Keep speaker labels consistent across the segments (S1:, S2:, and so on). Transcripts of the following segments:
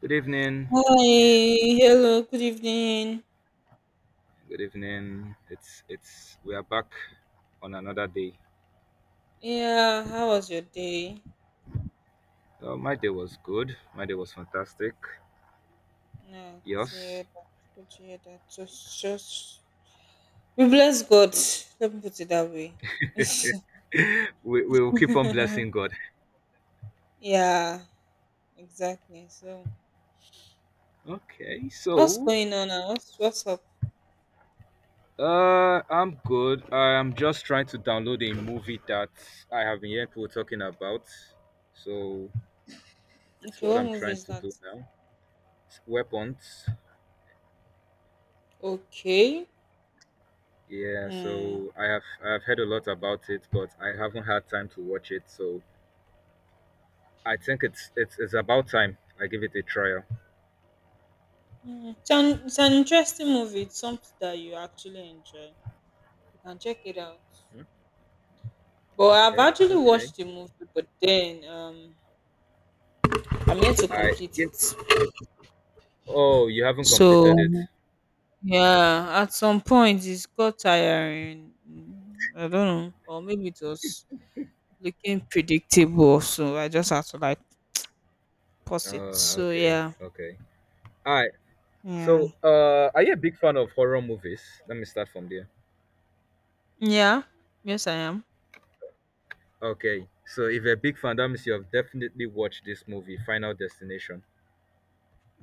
S1: Good evening.
S2: Hi, hello, good evening.
S1: Good evening. It's we are back on another day.
S2: Yeah, how was your day?
S1: My day was good. My day was fantastic.
S2: Yeah, good to
S1: Yes,
S2: hear that. Good to hear that. We bless God. Let me put it that way.
S1: we will keep on blessing God.
S2: Yeah, exactly. So,
S1: Okay,
S2: what's
S1: so
S2: going on now? What's up?
S1: I'm good. I am just trying to download a movie that I have been hearing people talking about. So it's
S2: Okay,
S1: what
S2: what
S1: I'm
S2: movie
S1: trying
S2: is
S1: to
S2: that?
S1: do now. It's weapons.
S2: Okay.
S1: Yeah,
S2: Hmm.
S1: so I have heard a lot about it, but I haven't had time to watch it. So I think it's about time. I give it a trial.
S2: It's an interesting movie. It's something that you actually enjoy. You can check it out.
S1: Hmm.
S2: But I've
S1: Okay,
S2: actually
S1: okay.
S2: watched the movie, but then I'm yet to
S1: I
S2: complete
S1: give.
S2: it.
S1: Oh, you haven't completed
S2: So
S1: it.
S2: yeah, at some point it's got tiring. I don't know, or maybe it was looking predictable, so I just had to like pause it. So
S1: Okay,
S2: yeah,
S1: okay. All right.
S2: yeah,
S1: So, are you a big fan of horror movies? Let me start from there.
S2: yeah. Yes, I am.
S1: Okay. So, if you're a big fan, that means you have definitely watched this movie, Final Destination.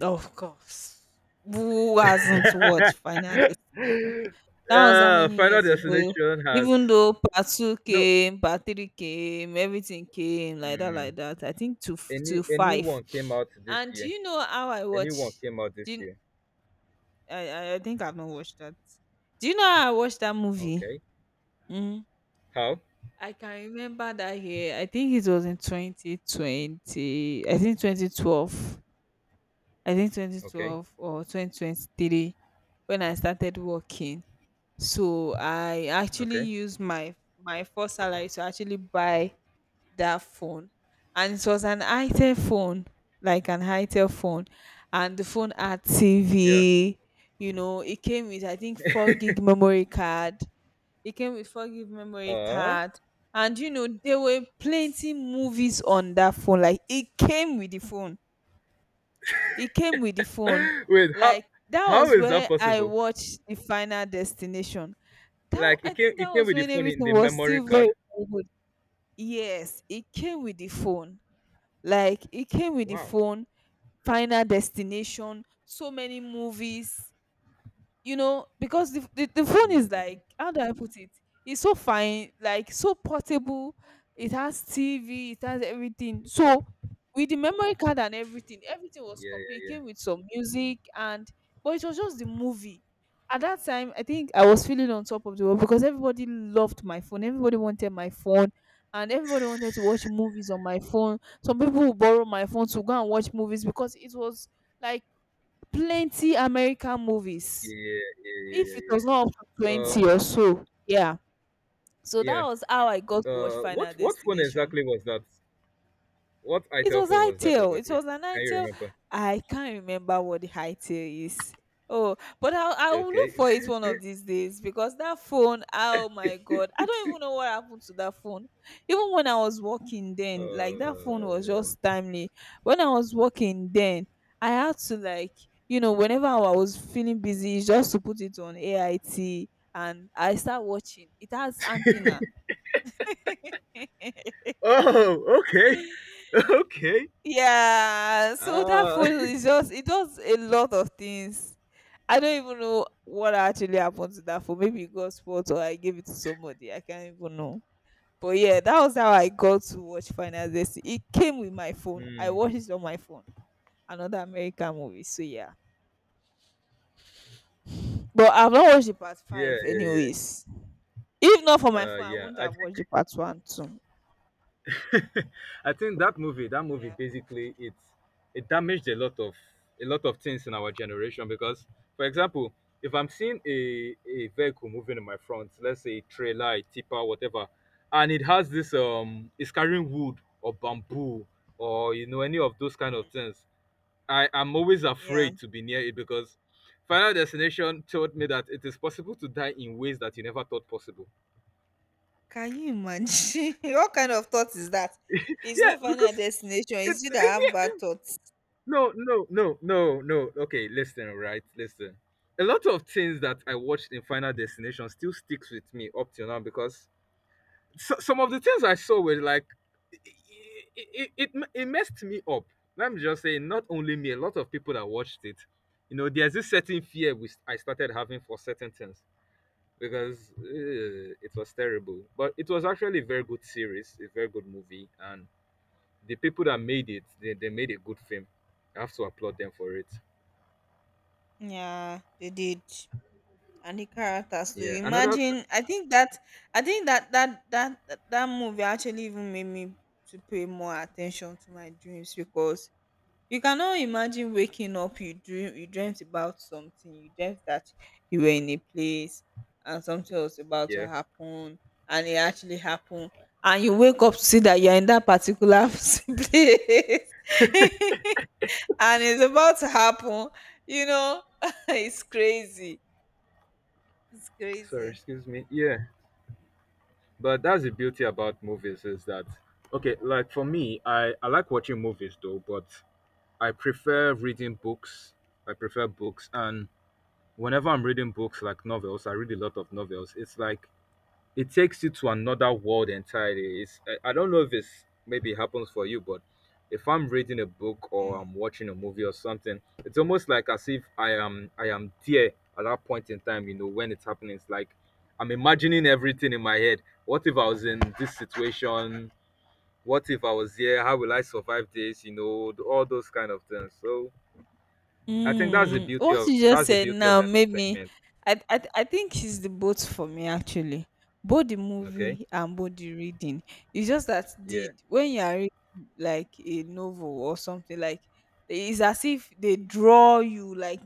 S2: Of course. Who hasn't watched Final Destination? That was how many
S1: Final
S2: years ago.
S1: Destination has
S2: Even though part two
S1: no.
S2: came, part three came, everything came like that, like
S1: Mm,
S2: that. I think to
S1: any
S2: five.
S1: anyone came out this
S2: And do
S1: year?
S2: you know how I
S1: Anyone
S2: watch?
S1: came out
S2: Do
S1: this
S2: you,
S1: year?
S2: I think I've not watched that. Do you know how I watched that movie?
S1: Okay.
S2: Mm.
S1: How?
S2: I can remember that year. I think it was in 2020. I think 2012. I think
S1: Okay.
S2: 2012 or 2023 when I started working. So I actually
S1: Okay.
S2: used my first salary to actually buy that phone, and it was an itel phone, like an itel phone, and the phone had
S1: Yeah.
S2: tv. You know, it came with I think four gig memory card. it came with four gig memory
S1: Uh.
S2: card and you know there were plenty movies on that phone, like it came with the phone. it came with the phone
S1: Wait, how
S2: like that
S1: how
S2: was
S1: is that
S2: where I
S1: possible?
S2: watched the final destination. That,
S1: Like
S2: I
S1: it came
S2: think that
S1: it came
S2: was
S1: with the
S2: when
S1: phone in
S2: everything
S1: the
S2: was
S1: memory
S2: still very
S1: card.
S2: very good. Yes, it came with the phone, like it came with the
S1: Wow.
S2: phone, Final Destination, so many movies, you know, because the, the phone is like,
S1: Mm,
S2: how do I put it, it's so fine, like so portable. It has tv, it has everything. So with the memory card and everything, everything was
S1: yeah,
S2: complete. It
S1: yeah, yeah.
S2: came with some music and, but it was just the movie. At that time, I think I was feeling on top of the world, because everybody loved my phone, everybody wanted my phone, and everybody wanted to watch movies on my phone. Some people would borrow my phone to go and watch movies, because it was like plenty american
S1: Yeah,
S2: movies.
S1: yeah, yeah,
S2: If
S1: yeah,
S2: it
S1: yeah,
S2: was not up to
S1: yeah. Uh,
S2: 20 or so, yeah. So
S1: yeah.
S2: that was how I got to watch
S1: Uh
S2: Final
S1: what what phone
S2: Destination.
S1: exactly was that? What
S2: It
S1: ITEL
S2: was
S1: phone
S2: high
S1: was that
S2: tail. It
S1: exactly?
S2: was an high
S1: Can you
S2: tail.
S1: remember?
S2: I can't remember what the high tail is. Oh, but I'll look
S1: Okay.
S2: for it one of these days, because that phone, oh my God. I don't even know what happened to that phone. Even when I was working then, like that phone was
S1: Uh.
S2: just timely. When I was working then, I had to like, you know, whenever I was feeling busy, it's just to put it on AIT and I start watching. It has antenna.
S1: Oh, okay. Okay.
S2: Yeah, so that
S1: Uh.
S2: photo is just, it does a lot of things. I don't even know what actually happened to that photo. Maybe it got spoiled or I gave it to somebody. I can't even know. But yeah, that was how I got to watch Final Destiny. It came with my phone. I
S1: Hmm.
S2: watched it on my phone. Another American movie. So yeah. But I've not watched the part
S1: Yeah,
S2: five
S1: yeah, yeah.
S2: anyways. If not for my
S1: Uh,
S2: phone, I
S1: yeah.
S2: wouldn't
S1: I
S2: have
S1: think.
S2: watched the part one too.
S1: I think that movie
S2: Yeah.
S1: basically it damaged a lot of things in our generation because for example, if I'm seeing a vehicle moving in my front, let's say a trailer, a tipper, whatever, and it has this it's carrying wood or bamboo or you know any of those kind of
S2: Mhm.
S1: things, I am always
S2: Yeah.
S1: afraid to be near it because Final Destination told me that it is possible to die in ways that you never thought possible.
S2: Can you imagine? What kind of thought is that? It's
S1: Yeah,
S2: not final
S1: because
S2: destination.
S1: it.
S2: It's you that have bad thoughts.
S1: No, no, no, no, no. Okay, listen, right, listen, a lot of things that I watched in Final Destination still sticks with me up till now because so, some of the things I saw were like it messed me up. Let me just say not only me, a lot of people that watched it. You know there's this certain fear which I started having for certain things because it was terrible, but it was actually a very good series, a very good movie. And the people that made it, they made a good film. I have to applaud them for it.
S2: Yeah, they did. And the characters. Do
S1: Yeah,
S2: you
S1: another.
S2: imagine? I think that, I think that movie actually even made me to pay more attention to my dreams, because you cannot imagine waking up, you dream, you dreamt about something, you dreamt that you were in a place and something was about to
S1: Yeah,
S2: happen and it actually happened, and you wake up to see that you're in that particular place and it's about to happen, you know, it's crazy. It's
S1: sorry,
S2: crazy.
S1: excuse me. Yeah, but that's the beauty about movies is that okay, like for me, I like watching movies though, but I prefer reading books. I prefer books. And whenever I'm reading books like novels, I read a lot of novels. It's like it takes you to another world entirely. It's I don't know if it's maybe happens for you, but if I'm reading a book or I'm watching a movie or something, it's almost like as if I am there at that point in time. You know when it's happening, it's like I'm imagining everything in my head. What if I was in this situation? What if I was here? How will I survive this? You know all those kind of things. So I think that's the
S2: Mm,
S1: beauty
S2: what
S1: of
S2: you just said now made me.
S1: entertainment.
S2: I think it's the both for me actually. Both the
S1: Okay.
S2: movie and both the reading. It's just that
S1: Yeah.
S2: the when you are reading like a novel or something, like it's as if they draw you, like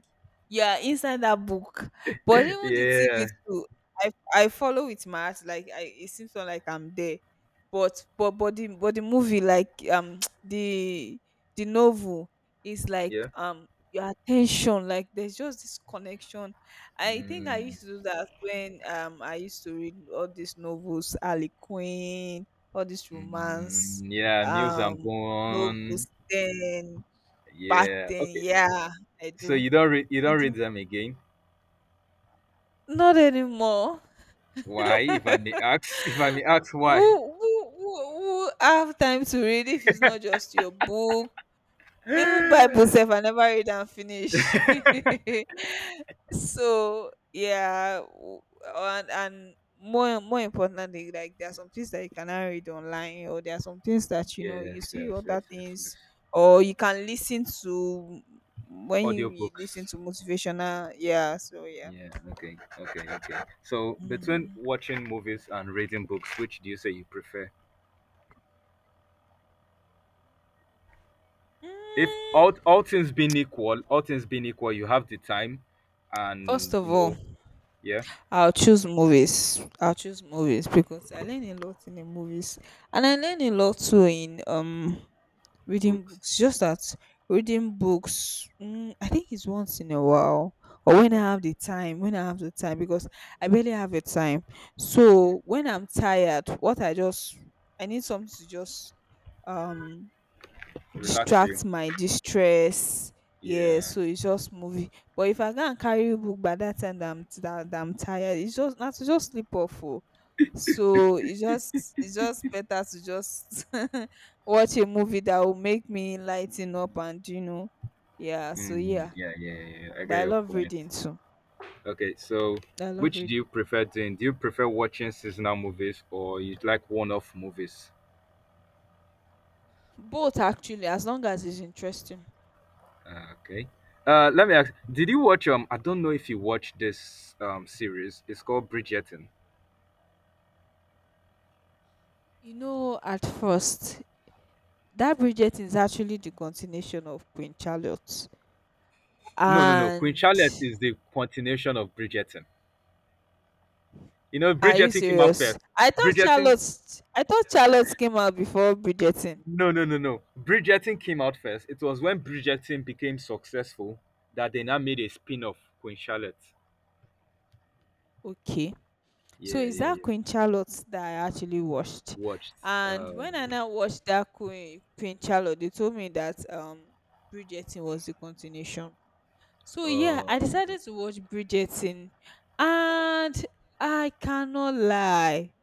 S2: you are inside that book. But even the TV
S1: Yeah.
S2: too, I follow with my heart. Like I, it seems so like I'm there. But the movie like the novel is like
S1: Yeah.
S2: your attention, like there's just this connection. I think I used
S1: Mm.
S2: to do that when I used to read all these novels, ali queen, all these romance
S1: Mm, yeah, Mills and
S2: um
S1: Bone.
S2: novels then back
S1: Yeah.
S2: then,
S1: Okay.
S2: yeah, I
S1: So
S2: do,
S1: you don't read you
S2: I
S1: don't
S2: do
S1: read them again.
S2: not anymore.
S1: Why, if I may ask, if I may ask,
S2: who,
S1: why?
S2: who have time to read if it's not just your book? Even bible sef I never read and finish. So yeah. And more importantly, like there are some things that you cannot read online, or there are some things that, you know, you
S1: Yes,
S2: see
S1: yes, yes,
S2: other
S1: yes, yes.
S2: things or you can listen to when you listen
S1: Audiobooks.
S2: to motivational, yeah, so yeah.
S1: Yeah, okay, okay, okay. So between
S2: Mm.
S1: watching movies and reading books, which do you say you prefer? If
S2: Mm,
S1: all things being equal, all things being equal, you have the time
S2: first
S1: and
S2: of
S1: you
S2: all,
S1: know, yeah,
S2: I'll choose movies. I'll choose movies because I learn a lot in the movies, and I learn a lot too in reading
S1: books.
S2: books, just that reading books, mm, I think it's once in a while or when I
S1: Okay.
S2: have the time, when I have the time, because I barely have the time.
S1: Mm.
S2: So when I'm tired, what I just, I need something to just um
S1: Relax you.
S2: distract my distress, yeah,
S1: Yeah.
S2: so it's just movie. But if I go and carry book by that time that that I'm tired, it's just not to just sleep off, oh. So it's just, it's just better to just watch a movie that will make me lighten up, and you know, yeah, so
S1: Mm,
S2: yeah.
S1: yeah, yeah, yeah, yeah, yeah. I
S2: But
S1: get
S2: I
S1: your
S2: love
S1: point.
S2: reading too.
S1: Okay, so
S2: I love
S1: which do you
S2: reading.
S1: prefer doing? Do you prefer watching seasonal movies or you like one-off movies?
S2: Both actually, as long as it's interesting.
S1: Okay. Let me ask. Did you watch? I don't know if you watched this series. It's called Bridgerton.
S2: You know, at first, that bridget is actually the continuation of queen charlotte,
S1: No, no, no. Queen
S2: and
S1: Charlotte is the continuation of Bridgerton. You know,
S2: are you
S1: Bridgerton came out
S2: serious?
S1: first.
S2: I thought
S1: Bridgerton.
S2: Charlotte, I thought Charlotte came out before Bridgerton.
S1: No, no, no, no. Bridgerton came out first. It was when Bridgerton became successful that they now made a spin-off, Queen Charlotte.
S2: Okay. So
S1: Yeah,
S2: is
S1: yeah,
S2: that
S1: yeah.
S2: Queen Charlotte that I actually watched?
S1: Watched.
S2: And
S1: Um,
S2: when I now watched that Queen Charlotte, they told me that Bridgerton was the continuation. So yeah,
S1: uh,
S2: I
S1: um,
S2: decided to watch Bridgerton, and I cannot lie,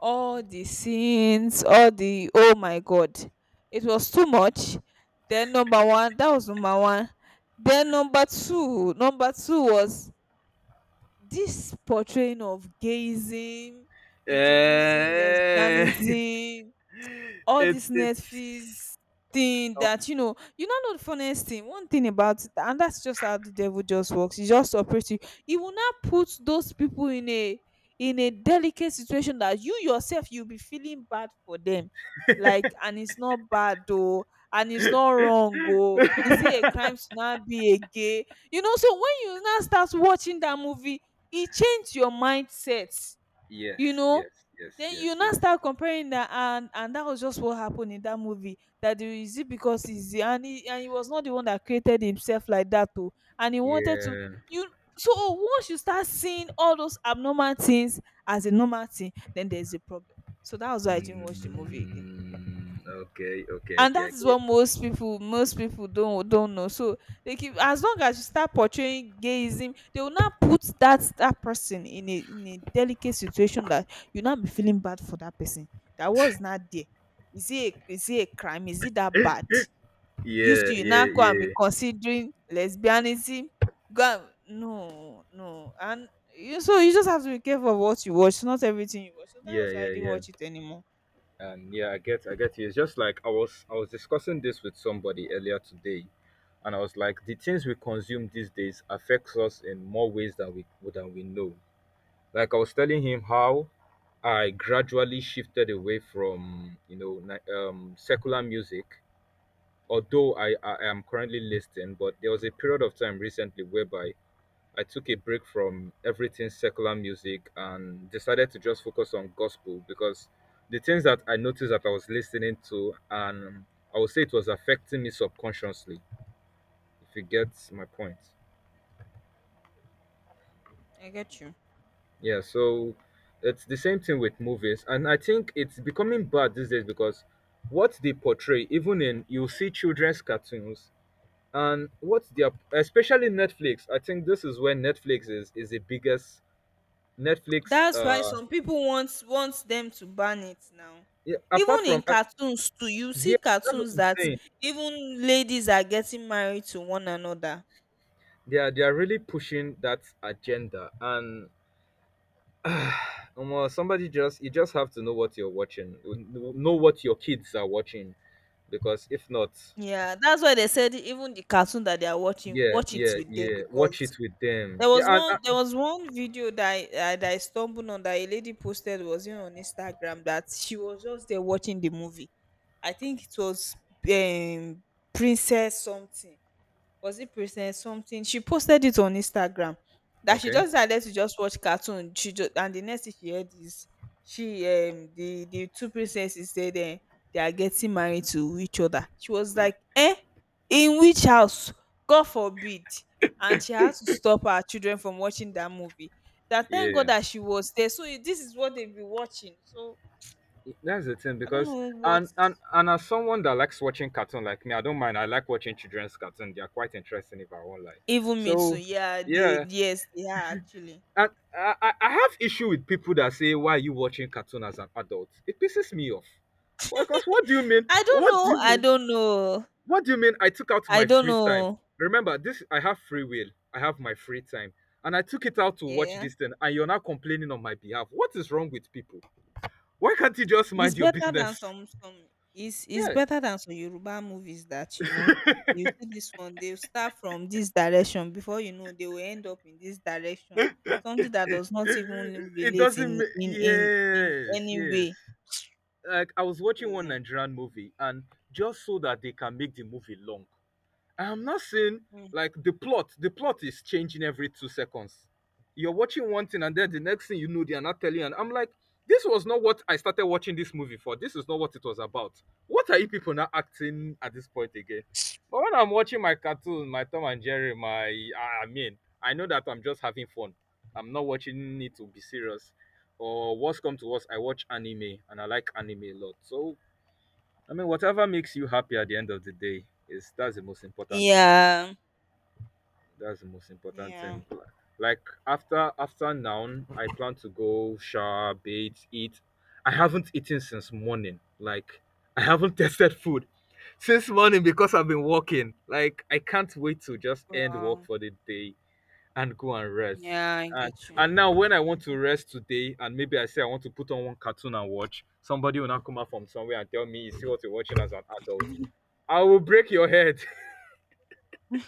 S2: all the scenes, all the, oh my god, it was too much. Then number one, that was number one. Then number two was this portraying of gayism, introducing
S1: eh,
S2: lesbianism, all this
S1: it's it's.
S2: Netflix thing,
S1: Oh
S2: that you know, you don't know the funniest thing. One thing about it, and that's just how the devil just works. He just operates you. He will not put those people in a delicate situation that you yourself you'll be feeling bad for them. Like, and it's not bad though, and it's not wrong. Oh, is it a crime to not be a gay? You know, so when you now start watching that movie, it changed your mindset,
S1: yes,
S2: you know.
S1: yes, yes,
S2: Then
S1: yes,
S2: you now
S1: yes.
S2: start comparing that, and that was just what happened in that movie, that the, is it because he's the-, and he, and he was not the one that created himself like that too, and he wanted to,
S1: Yeah.
S2: you, so once you start seeing all those abnormal things as a normal thing, then there's a problem. So that was why I didn't watch the movie again.
S1: Mm, okay, okay,
S2: And
S1: okay.
S2: that
S1: I
S2: is what
S1: get.
S2: most people, most people don't know. So they keep, as long as you start portraying gayism, they will not put that person in a delicate situation that you not be feeling bad for that person. That was not there. Is it a crime, is it that bad, used
S1: Yeah,
S2: to you now
S1: yeah,
S2: go and be
S1: yeah,
S2: considering lesbianism, go, and no no and you, so you just have to be careful of what you watch, not everything you watch. So that
S1: yeah,
S2: was why I
S1: yeah,
S2: didn't
S1: yeah.
S2: watch it anymore.
S1: And yeah, I get you. It's just like I was discussing this with somebody earlier today, and I was like, the things we consume these days affects us in more ways than we know. Like I was telling him how I gradually shifted away from you know secular music, although I am currently listening. But there was a period of time recently whereby I took a break from everything secular music and decided to just focus on gospel because the things that I noticed that I was listening to, and I would say it was affecting me subconsciously. If you get my point.
S2: I get you.
S1: Yeah, so it's the same thing with movies, and I think it's becoming bad these days because what they portray, even in you see children's cartoons, and what they are, especially Netflix. I think this is where Netflix is the biggest Netflix.
S2: That's why some people want them to ban it now.
S1: Yeah,
S2: Even
S1: apart
S2: in
S1: from
S2: cartoons too, you see
S1: yeah, that's what
S2: cartoons
S1: I'm
S2: that
S1: saying.
S2: even ladies are getting married to one another.
S1: They are really pushing that agenda, and well, somebody just you just have to know what you're watching, know what your kids are watching, because if not,
S2: Yeah, that's why they said even the cartoon that they are watching,
S1: yeah,
S2: watch it
S1: yeah,
S2: with them,
S1: yeah. Watch
S2: because
S1: it with them.
S2: there
S1: Yeah,
S2: was one, there
S1: and
S2: was one video that that I stumbled on, that a lady posted, was even on Instagram, that she was just there watching the movie. I think it was um Princess something, was it Princess something? She posted it on Instagram that she
S1: okay,
S2: just decided to just watch cartoon. She just And the next thing she heard is, she the two princesses said, they are getting married to each other. She was like, in which house? God forbid. And she had to stop her children from watching that movie. That Thank God
S1: yeah,
S2: that she was there. So, this is what they've been watching. So
S1: yeah. That's the thing,
S2: I don't
S1: because
S2: know what.
S1: and as someone that likes watching cartoon like me, I don't mind. I like watching children's cartoon. They are quite interesting if I won't lie.
S2: Even me too.
S1: So
S2: Yeah, they
S1: yeah,
S2: yes, they are actually.
S1: and I have issue with people that say why are you watching cartoon as an adult? It pisses me off. Because what do you mean?
S2: I don't
S1: What do
S2: know.
S1: you
S2: I
S1: mean?
S2: don't know.
S1: What do you mean? I took out
S2: I
S1: my
S2: don't
S1: free time.
S2: know.
S1: Remember, this I have free will. I have my free time. And I took it out to watch
S2: Yeah.
S1: this thing, and you're now complaining on my behalf. What is wrong with people? Why can't you just
S2: It's
S1: mind your
S2: better than
S1: business?
S2: some some it's
S1: Yeah.
S2: better than some Yoruba movies that, you see this one, they start from this direction before you know they will end up in this direction. Something that does not even
S1: It
S2: relate
S1: doesn't
S2: in in in, in
S1: yes,
S2: any
S1: yes.
S2: way
S1: Like I was watching one
S2: to.
S1: Nigerian movie and just so that they can make the movie long. I'm not saying
S2: Mm.
S1: like the plot is changing every 2 seconds. You're watching one thing, and then the next thing you know, they are not telling you. And I'm like, this was not what I started watching this movie for. This is not what it was about. What are you people now acting at this point again? But when I'm watching my cartoon, my Tom and Jerry, my. I mean, I know that I'm just having fun. I'm not watching it to be serious. Or what's come to worst, I watch anime, and I like anime a lot. So I mean, whatever makes you happy at the end of the day is that's the most important thing.
S2: Yeah.
S1: That's the most important
S2: Yeah.
S1: thing. Like after now, I plan to go shower, bathe, eat. I haven't eaten since morning. Like I haven't tested food since morning because I've been working. Like I can't wait to just end work
S2: Wow.
S1: for the day and go and rest.
S2: Yeah, I
S1: And
S2: get you.
S1: now when I want to
S2: Mhm.
S1: rest today and maybe I say I want to put on one cartoon and watch, somebody will now come out from somewhere and tell me, you see what you're watching as an adult. I will break your head.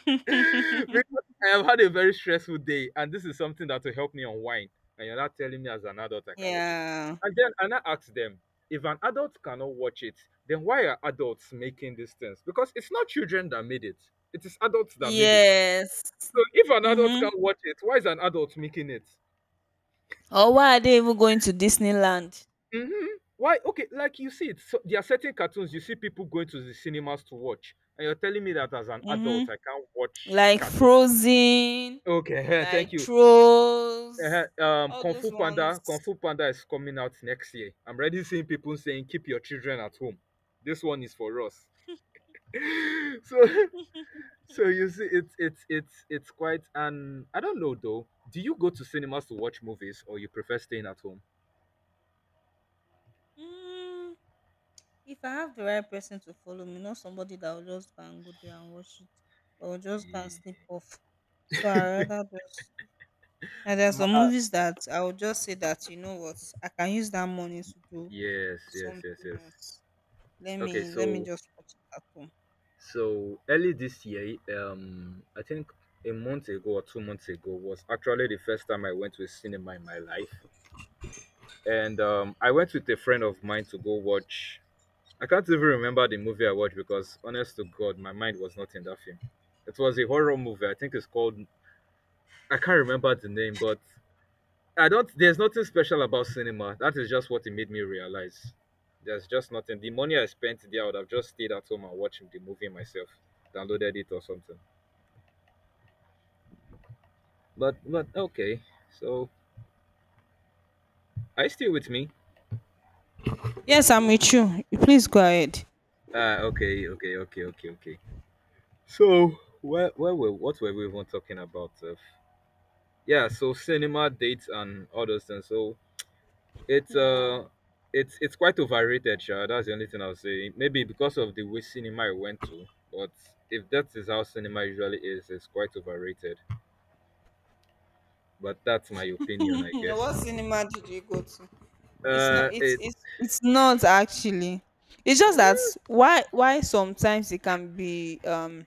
S1: Because I have had a very stressful day, and this is something that will help me unwind. And you're not telling me as an adult I can't watch it.
S2: Yeah.
S1: And then and I ask them, if an adult cannot watch it, then why are adults making these things? Because it's not children that made it; it is adults that made it.
S2: Yes.
S1: So if an adult
S2: Mm-hmm.
S1: can't watch it, why is an adult making it?
S2: Or why are they even going to Disneyland?
S1: Hmm. Why? Okay, like you see, it. So there are certain cartoons you see people going to the cinemas to watch, and you're telling me that as an adult I
S2: Mm-hmm.
S1: can't watch
S2: Like
S1: cartoons.
S2: Frozen,
S1: Okay,
S2: like
S1: thank you. Uh.
S2: Trolls, all
S1: Kung
S2: those
S1: Fu
S2: ones.
S1: Panda, Kung Fu Panda is coming out next year. I'm already seeing people saying, "Keep your children at home." This one is for us. So, so you see, it's it's quite. And I don't know though. Do you go to cinemas to watch movies, or you prefer staying at home?
S2: Mm, if I have the right person to follow me, not somebody that will just go and go there and watch it or just go and sleep
S1: Eh,
S2: off. So I rather just. And there are
S1: ma-
S2: some
S1: uh,
S2: movies that I will just say that, you know what, I can use that money to do
S1: yes, yes, yes,
S2: something
S1: yes.
S2: else. Let
S1: Okay,
S2: me let me
S1: so
S2: just watch it at home.
S1: so early this year, I think a month ago or 2 months ago was actually the first time I went to a cinema in my life. And I went with a friend of mine to go watch. I can't even remember the movie I watched because, honest to God, my mind was not in that film. It was a horror movie. I think it's called. I can't remember the name, but I don't. There's nothing special about cinema. That is just what it made me realize. There's just nothing. The money I spent there, I would have just stayed at home and watched the movie myself, downloaded it or something. But okay. So, are you still with me?
S2: Yes, I'm with you. Please go ahead.
S1: Ah, okay, okay, okay, okay, okay. So, what were we even talking about? Yeah, so cinema dates and all those things. So it's
S2: Yeah.
S1: uh, it's quite overrated, sure. That's the only thing I'll say. Maybe because of the way cinema I went to, but if that is how cinema usually is, it's quite overrated. But that's my opinion, I
S2: What
S1: guess.
S2: cinema did you go to? It's not. It's
S1: It
S2: it's it's not actually. It's just that why sometimes it can be,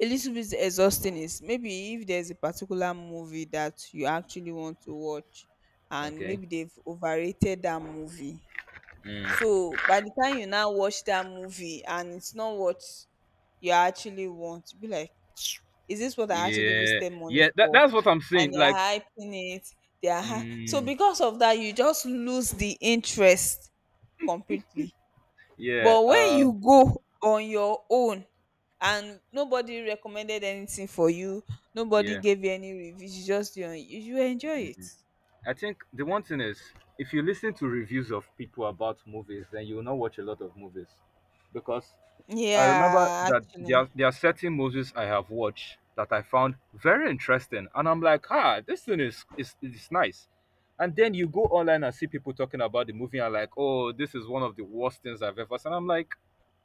S2: a little bit exhausting is, maybe if there's a particular movie that you actually want to watch, and
S1: Okay.
S2: maybe they've overrated that movie.
S1: Mm,
S2: So by the time you now watch that movie and it's not what you actually want, you be like, is this what I actually
S1: yeah,
S2: wasted money
S1: yeah. That,
S2: for?
S1: that's what I'm
S2: And
S1: saying.
S2: they're
S1: Like,
S2: hyping it. So
S1: mm,
S2: because of that, you just lose the interest completely.
S1: yeah,
S2: But when you go on your own and nobody recommended anything for you, nobody
S1: yeah.
S2: gave you any reviews, you just do it, you enjoy it.
S1: Mm. I think the one thing is, if you listen to reviews of people about movies, then you will not watch a lot of movies, because I remember
S2: Yeah,
S1: that there
S2: actually.
S1: are, there are certain movies I have watched that I found very interesting, and I'm like, ah, this thing is nice, and then you go online and see people talking about the movie and like, oh, this is one of the worst things I've ever seen. And I'm like,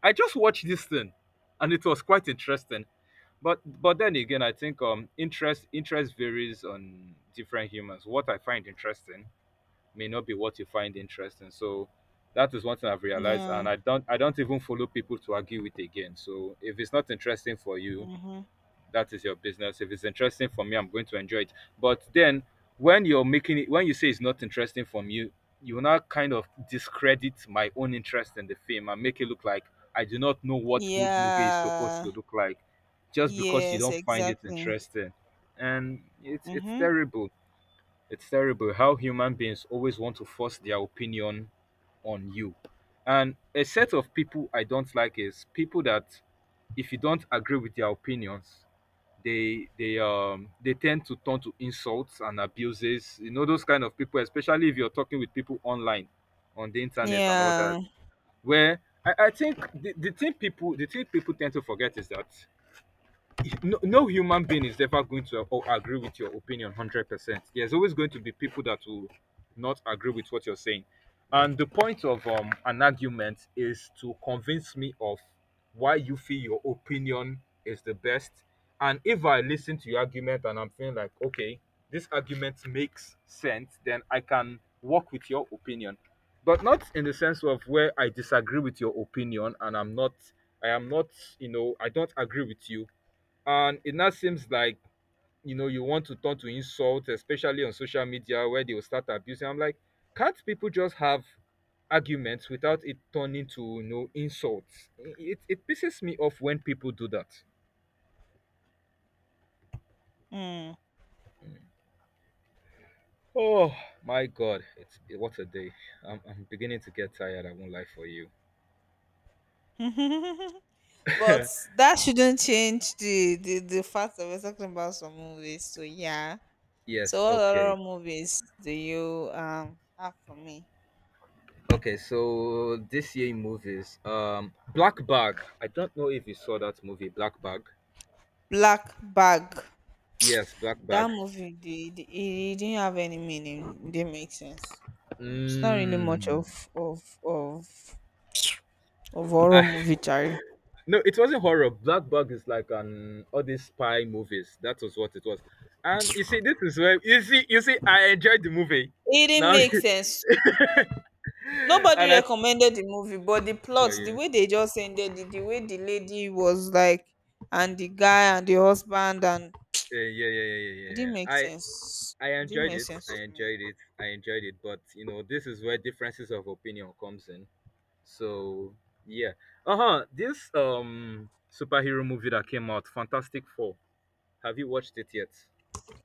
S1: I just watched this thing, and it was quite interesting, but then again, I think interest varies on different humans. What I find interesting may not be what you find interesting. So that is one thing I've realized, and
S2: No.
S1: I don't even follow people to argue with again. So if it's not interesting for you,
S2: Mm-hmm.
S1: that is your business. If it's interesting for me, I'm going to enjoy it. But then when you're making it, when you say it's not interesting for me, you will now kind of discredit my own interest in the film and make it look like I do not know what good movie is supposed
S2: Yeah.
S1: to look like just because you
S2: Yes,
S1: don't find it
S2: exactly.
S1: interesting. And it's
S2: Mm-hmm.
S1: terrible. It's terrible how human beings always want to force their opinion on you. And a set of people I don't like is people that, if you don't agree with their opinions, they tend to turn to insults and abuses, you know, those kind of people, especially if you're talking with people online, on the internet and all that,
S2: Yeah.
S1: where I think the thing people tend to forget is that no, no human being is ever going to agree with your opinion 100%. There's always going to be people that will not agree with what you're saying. And the point of an argument is to convince me of why you feel your opinion is the best. And if I listen to your argument and I'm feeling like, okay, this argument makes sense, then I can work with your opinion. But not in the sense of where I disagree with your opinion, and I'm not, I am not, I don't agree with you, and it now seems like you want to turn to insult, especially on social media where they will start abusing. I'm like, can't people just have arguments without it turning to, insults. It pisses me off when people do that.
S2: Mm.
S1: Oh my god, it's what a day. I'm beginning to get tired. I won't lie for you.
S2: But that shouldn't change the fact that we're talking about some movies. So yeah.
S1: Yes,
S2: So what other
S1: okay.
S2: movies do you have for me?
S1: Okay, so this year in movies, Black Bag. I don't know if you saw that movie, Black Bag.
S2: Black Bag.
S1: Yes, Black
S2: That
S1: Bag.
S2: movie, the it didn't have any meaning. It didn't make sense. It's not really much
S1: Mm.
S2: of horror
S1: I,
S2: movie, Charlie.
S1: no, it wasn't horror. Black Bug is like an all these spy movies. That was what it was. And you see, this is where you see, I enjoyed the movie.
S2: It didn't
S1: Now,
S2: make sense.
S1: and
S2: Nobody
S1: that's
S2: recommended the movie, but the
S1: for
S2: plot, the
S1: you.
S2: way they just ended it, the way the lady was like, and the guy, and the husband, and
S1: Yeah, yeah, yeah, yeah,
S2: it
S1: yeah,
S2: didn't
S1: yeah.
S2: make
S1: I
S2: sense.
S1: I
S2: It didn't
S1: enjoyed
S2: make
S1: it.
S2: sense
S1: I
S2: to me.
S1: enjoyed it. I enjoyed it. But, you know, this is where differences of opinion comes in. So yeah. Uh huh. This superhero movie that came out, Fantastic Four. Have you watched it yet?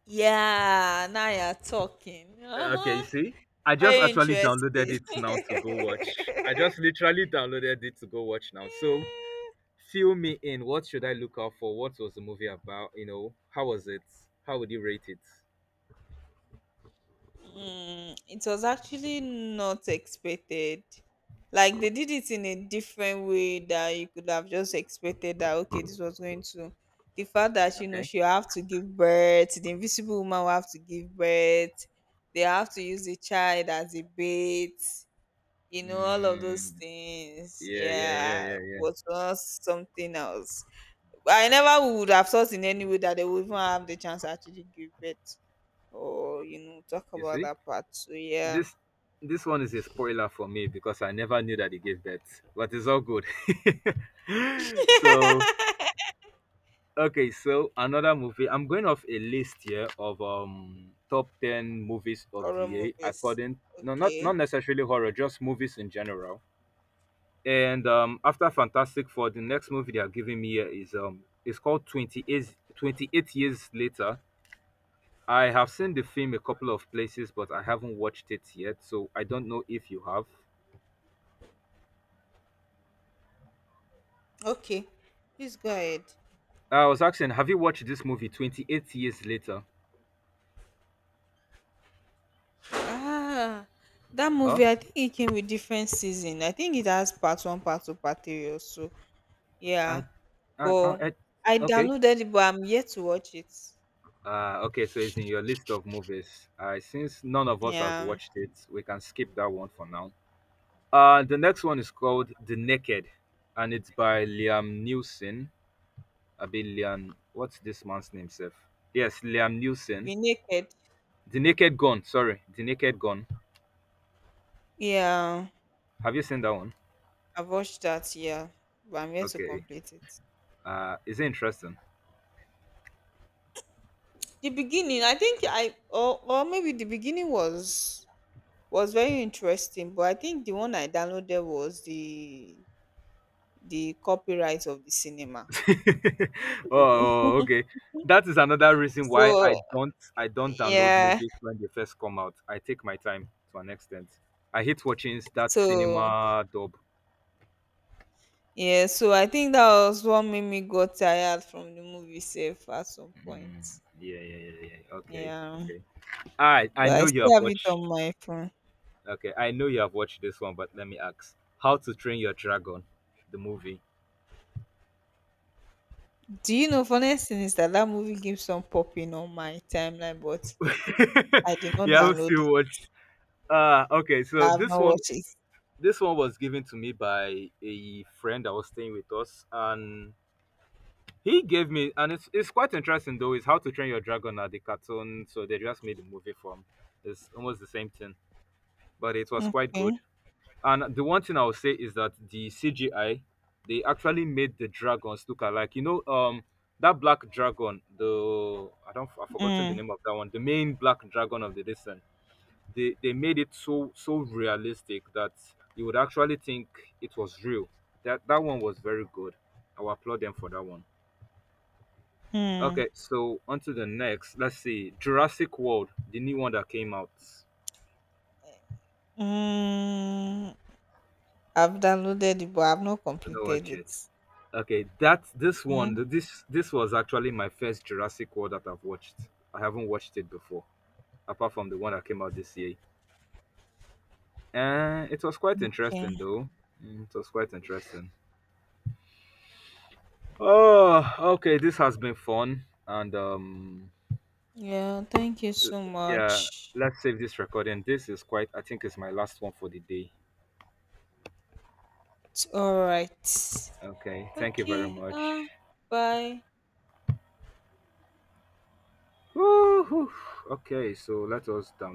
S2: Yeah, now you're talking. Uh
S1: Okay, you
S2: huh.
S1: see, I just
S2: Very
S1: actually downloaded
S2: interesting.
S1: it now to go watch. I just literally downloaded it to go watch now. So, fill me in. What should I look out for? What was the movie about? You know, how was it? How would you rate it?
S2: It was actually not expected. Like they did it in a different way that you could have just expected that, okay, this was going to, the fact that, you know,
S1: Okay.
S2: she'll have to give birth, the invisible woman will have to give birth, they have to use the child as a bait, you know, all of those
S1: Mm,
S2: things.
S1: yeah, yeah, yeah,
S2: Yeah,
S1: yeah, yeah.
S2: was not something else. I never would have thought in any way that they would even have the chance to actually give birth or, you know, talk
S1: You
S2: about
S1: see,
S2: that part. So yeah.
S1: this this one is a spoiler for me because I never knew that he gave birth, but it's all good. so, Okay, so another movie. I'm going off a list here of top 10 movies of the
S2: Horror
S1: year,
S2: movies.
S1: according, no, not
S2: Okay.
S1: not necessarily horror, just movies in general. And after Fantastic Four, the next movie they are giving me here is it's called 28 Twenty Eight Years Later. I have seen the film a couple of places, but I haven't watched it yet, so I don't know if you have.
S2: Okay. Please go ahead.
S1: I was asking, have you watched this movie 28 Years Later?
S2: Ah, that
S1: Huh?
S2: movie. I think it came with different season. I think it has part one, part two, part three. Also, yeah.
S1: I, I,
S2: But
S1: I
S2: I
S1: okay.
S2: downloaded it, but I'm yet to watch it.
S1: Okay, so it's in your list of movies. Since none of us has
S2: Yeah.
S1: watched it, we can skip that one for now. The next one is called The Naked, and it's by Liam Neeson. I mean, Liam, what's this man's name, Seth? Yes, Liam Neeson.
S2: Be naked.
S1: The Naked Gun, sorry, The Naked Gun.
S2: Yeah,
S1: Have you seen that one?
S2: I've watched that. Yeah. But I'm yet to
S1: Okay.
S2: complete it.
S1: Is it interesting?
S2: The beginning. I think I, or maybe the beginning was, very interesting, but I think the one I downloaded was the copyright of the cinema.
S1: Oh, oh, okay. That is another reason why
S2: So
S1: I don't download
S2: yeah,
S1: movies when they first come out. I take my time to an extent. I hate watching that
S2: so
S1: cinema dub.
S2: yeah, so I think that was what made me got tired from the movie safe at some point.
S1: Mm, yeah, yeah, yeah, yeah. Okay,
S2: Yeah,
S1: okay. I
S2: but I
S1: know you
S2: still
S1: have
S2: have it
S1: watched.
S2: on my phone.
S1: Okay, I know you have watched this one, but let me ask: How to Train Your Dragon, the movie?
S2: Do you know funniest thing is that that movie keeps on popping on my timeline, but I did not
S1: Yeah, I've
S2: download it.
S1: still watched. Okay. So
S2: I have
S1: this
S2: not
S1: one,
S2: watched it.
S1: this one was given to me by a friend that was staying with us, and he gave me, and it's quite interesting though. Is How to Train Your Dragon at the cartoon, so they just made a movie from. It's almost the same thing, but it was quite good.
S2: Okay.
S1: And the one thing I will say is that the CGI, they actually made the dragons look alike. You know, that black dragon, the, I don't, I've forgotten the
S2: Mm.
S1: name of that one. The main black dragon of the Disney. They made it so realistic that you would actually think it was real. That one was very good. I will applaud them for that one.
S2: Hmm.
S1: Okay, so on to the next. Let's see. Jurassic World, the new one that came out.
S2: Mm. I've downloaded it, but I've not
S1: Don't know
S2: completed
S1: watch it.
S2: it.
S1: Okay, that this one,
S2: Mhm.
S1: th- this was actually my first Jurassic World that I've watched. I haven't watched it before, apart from the one that came out this year. And it was quite
S2: Okay.
S1: interesting though. Mm, it was quite interesting. Oh, okay, this has been fun. And
S2: Yeah. Thank you so
S1: yeah,
S2: much.
S1: let's save this recording. This is quite, I think it's my last one for the day.
S2: All right.
S1: Okay, thank you very
S2: Okay.
S1: much.
S2: Bye.
S1: Woo-hoo. Okay, so let us down.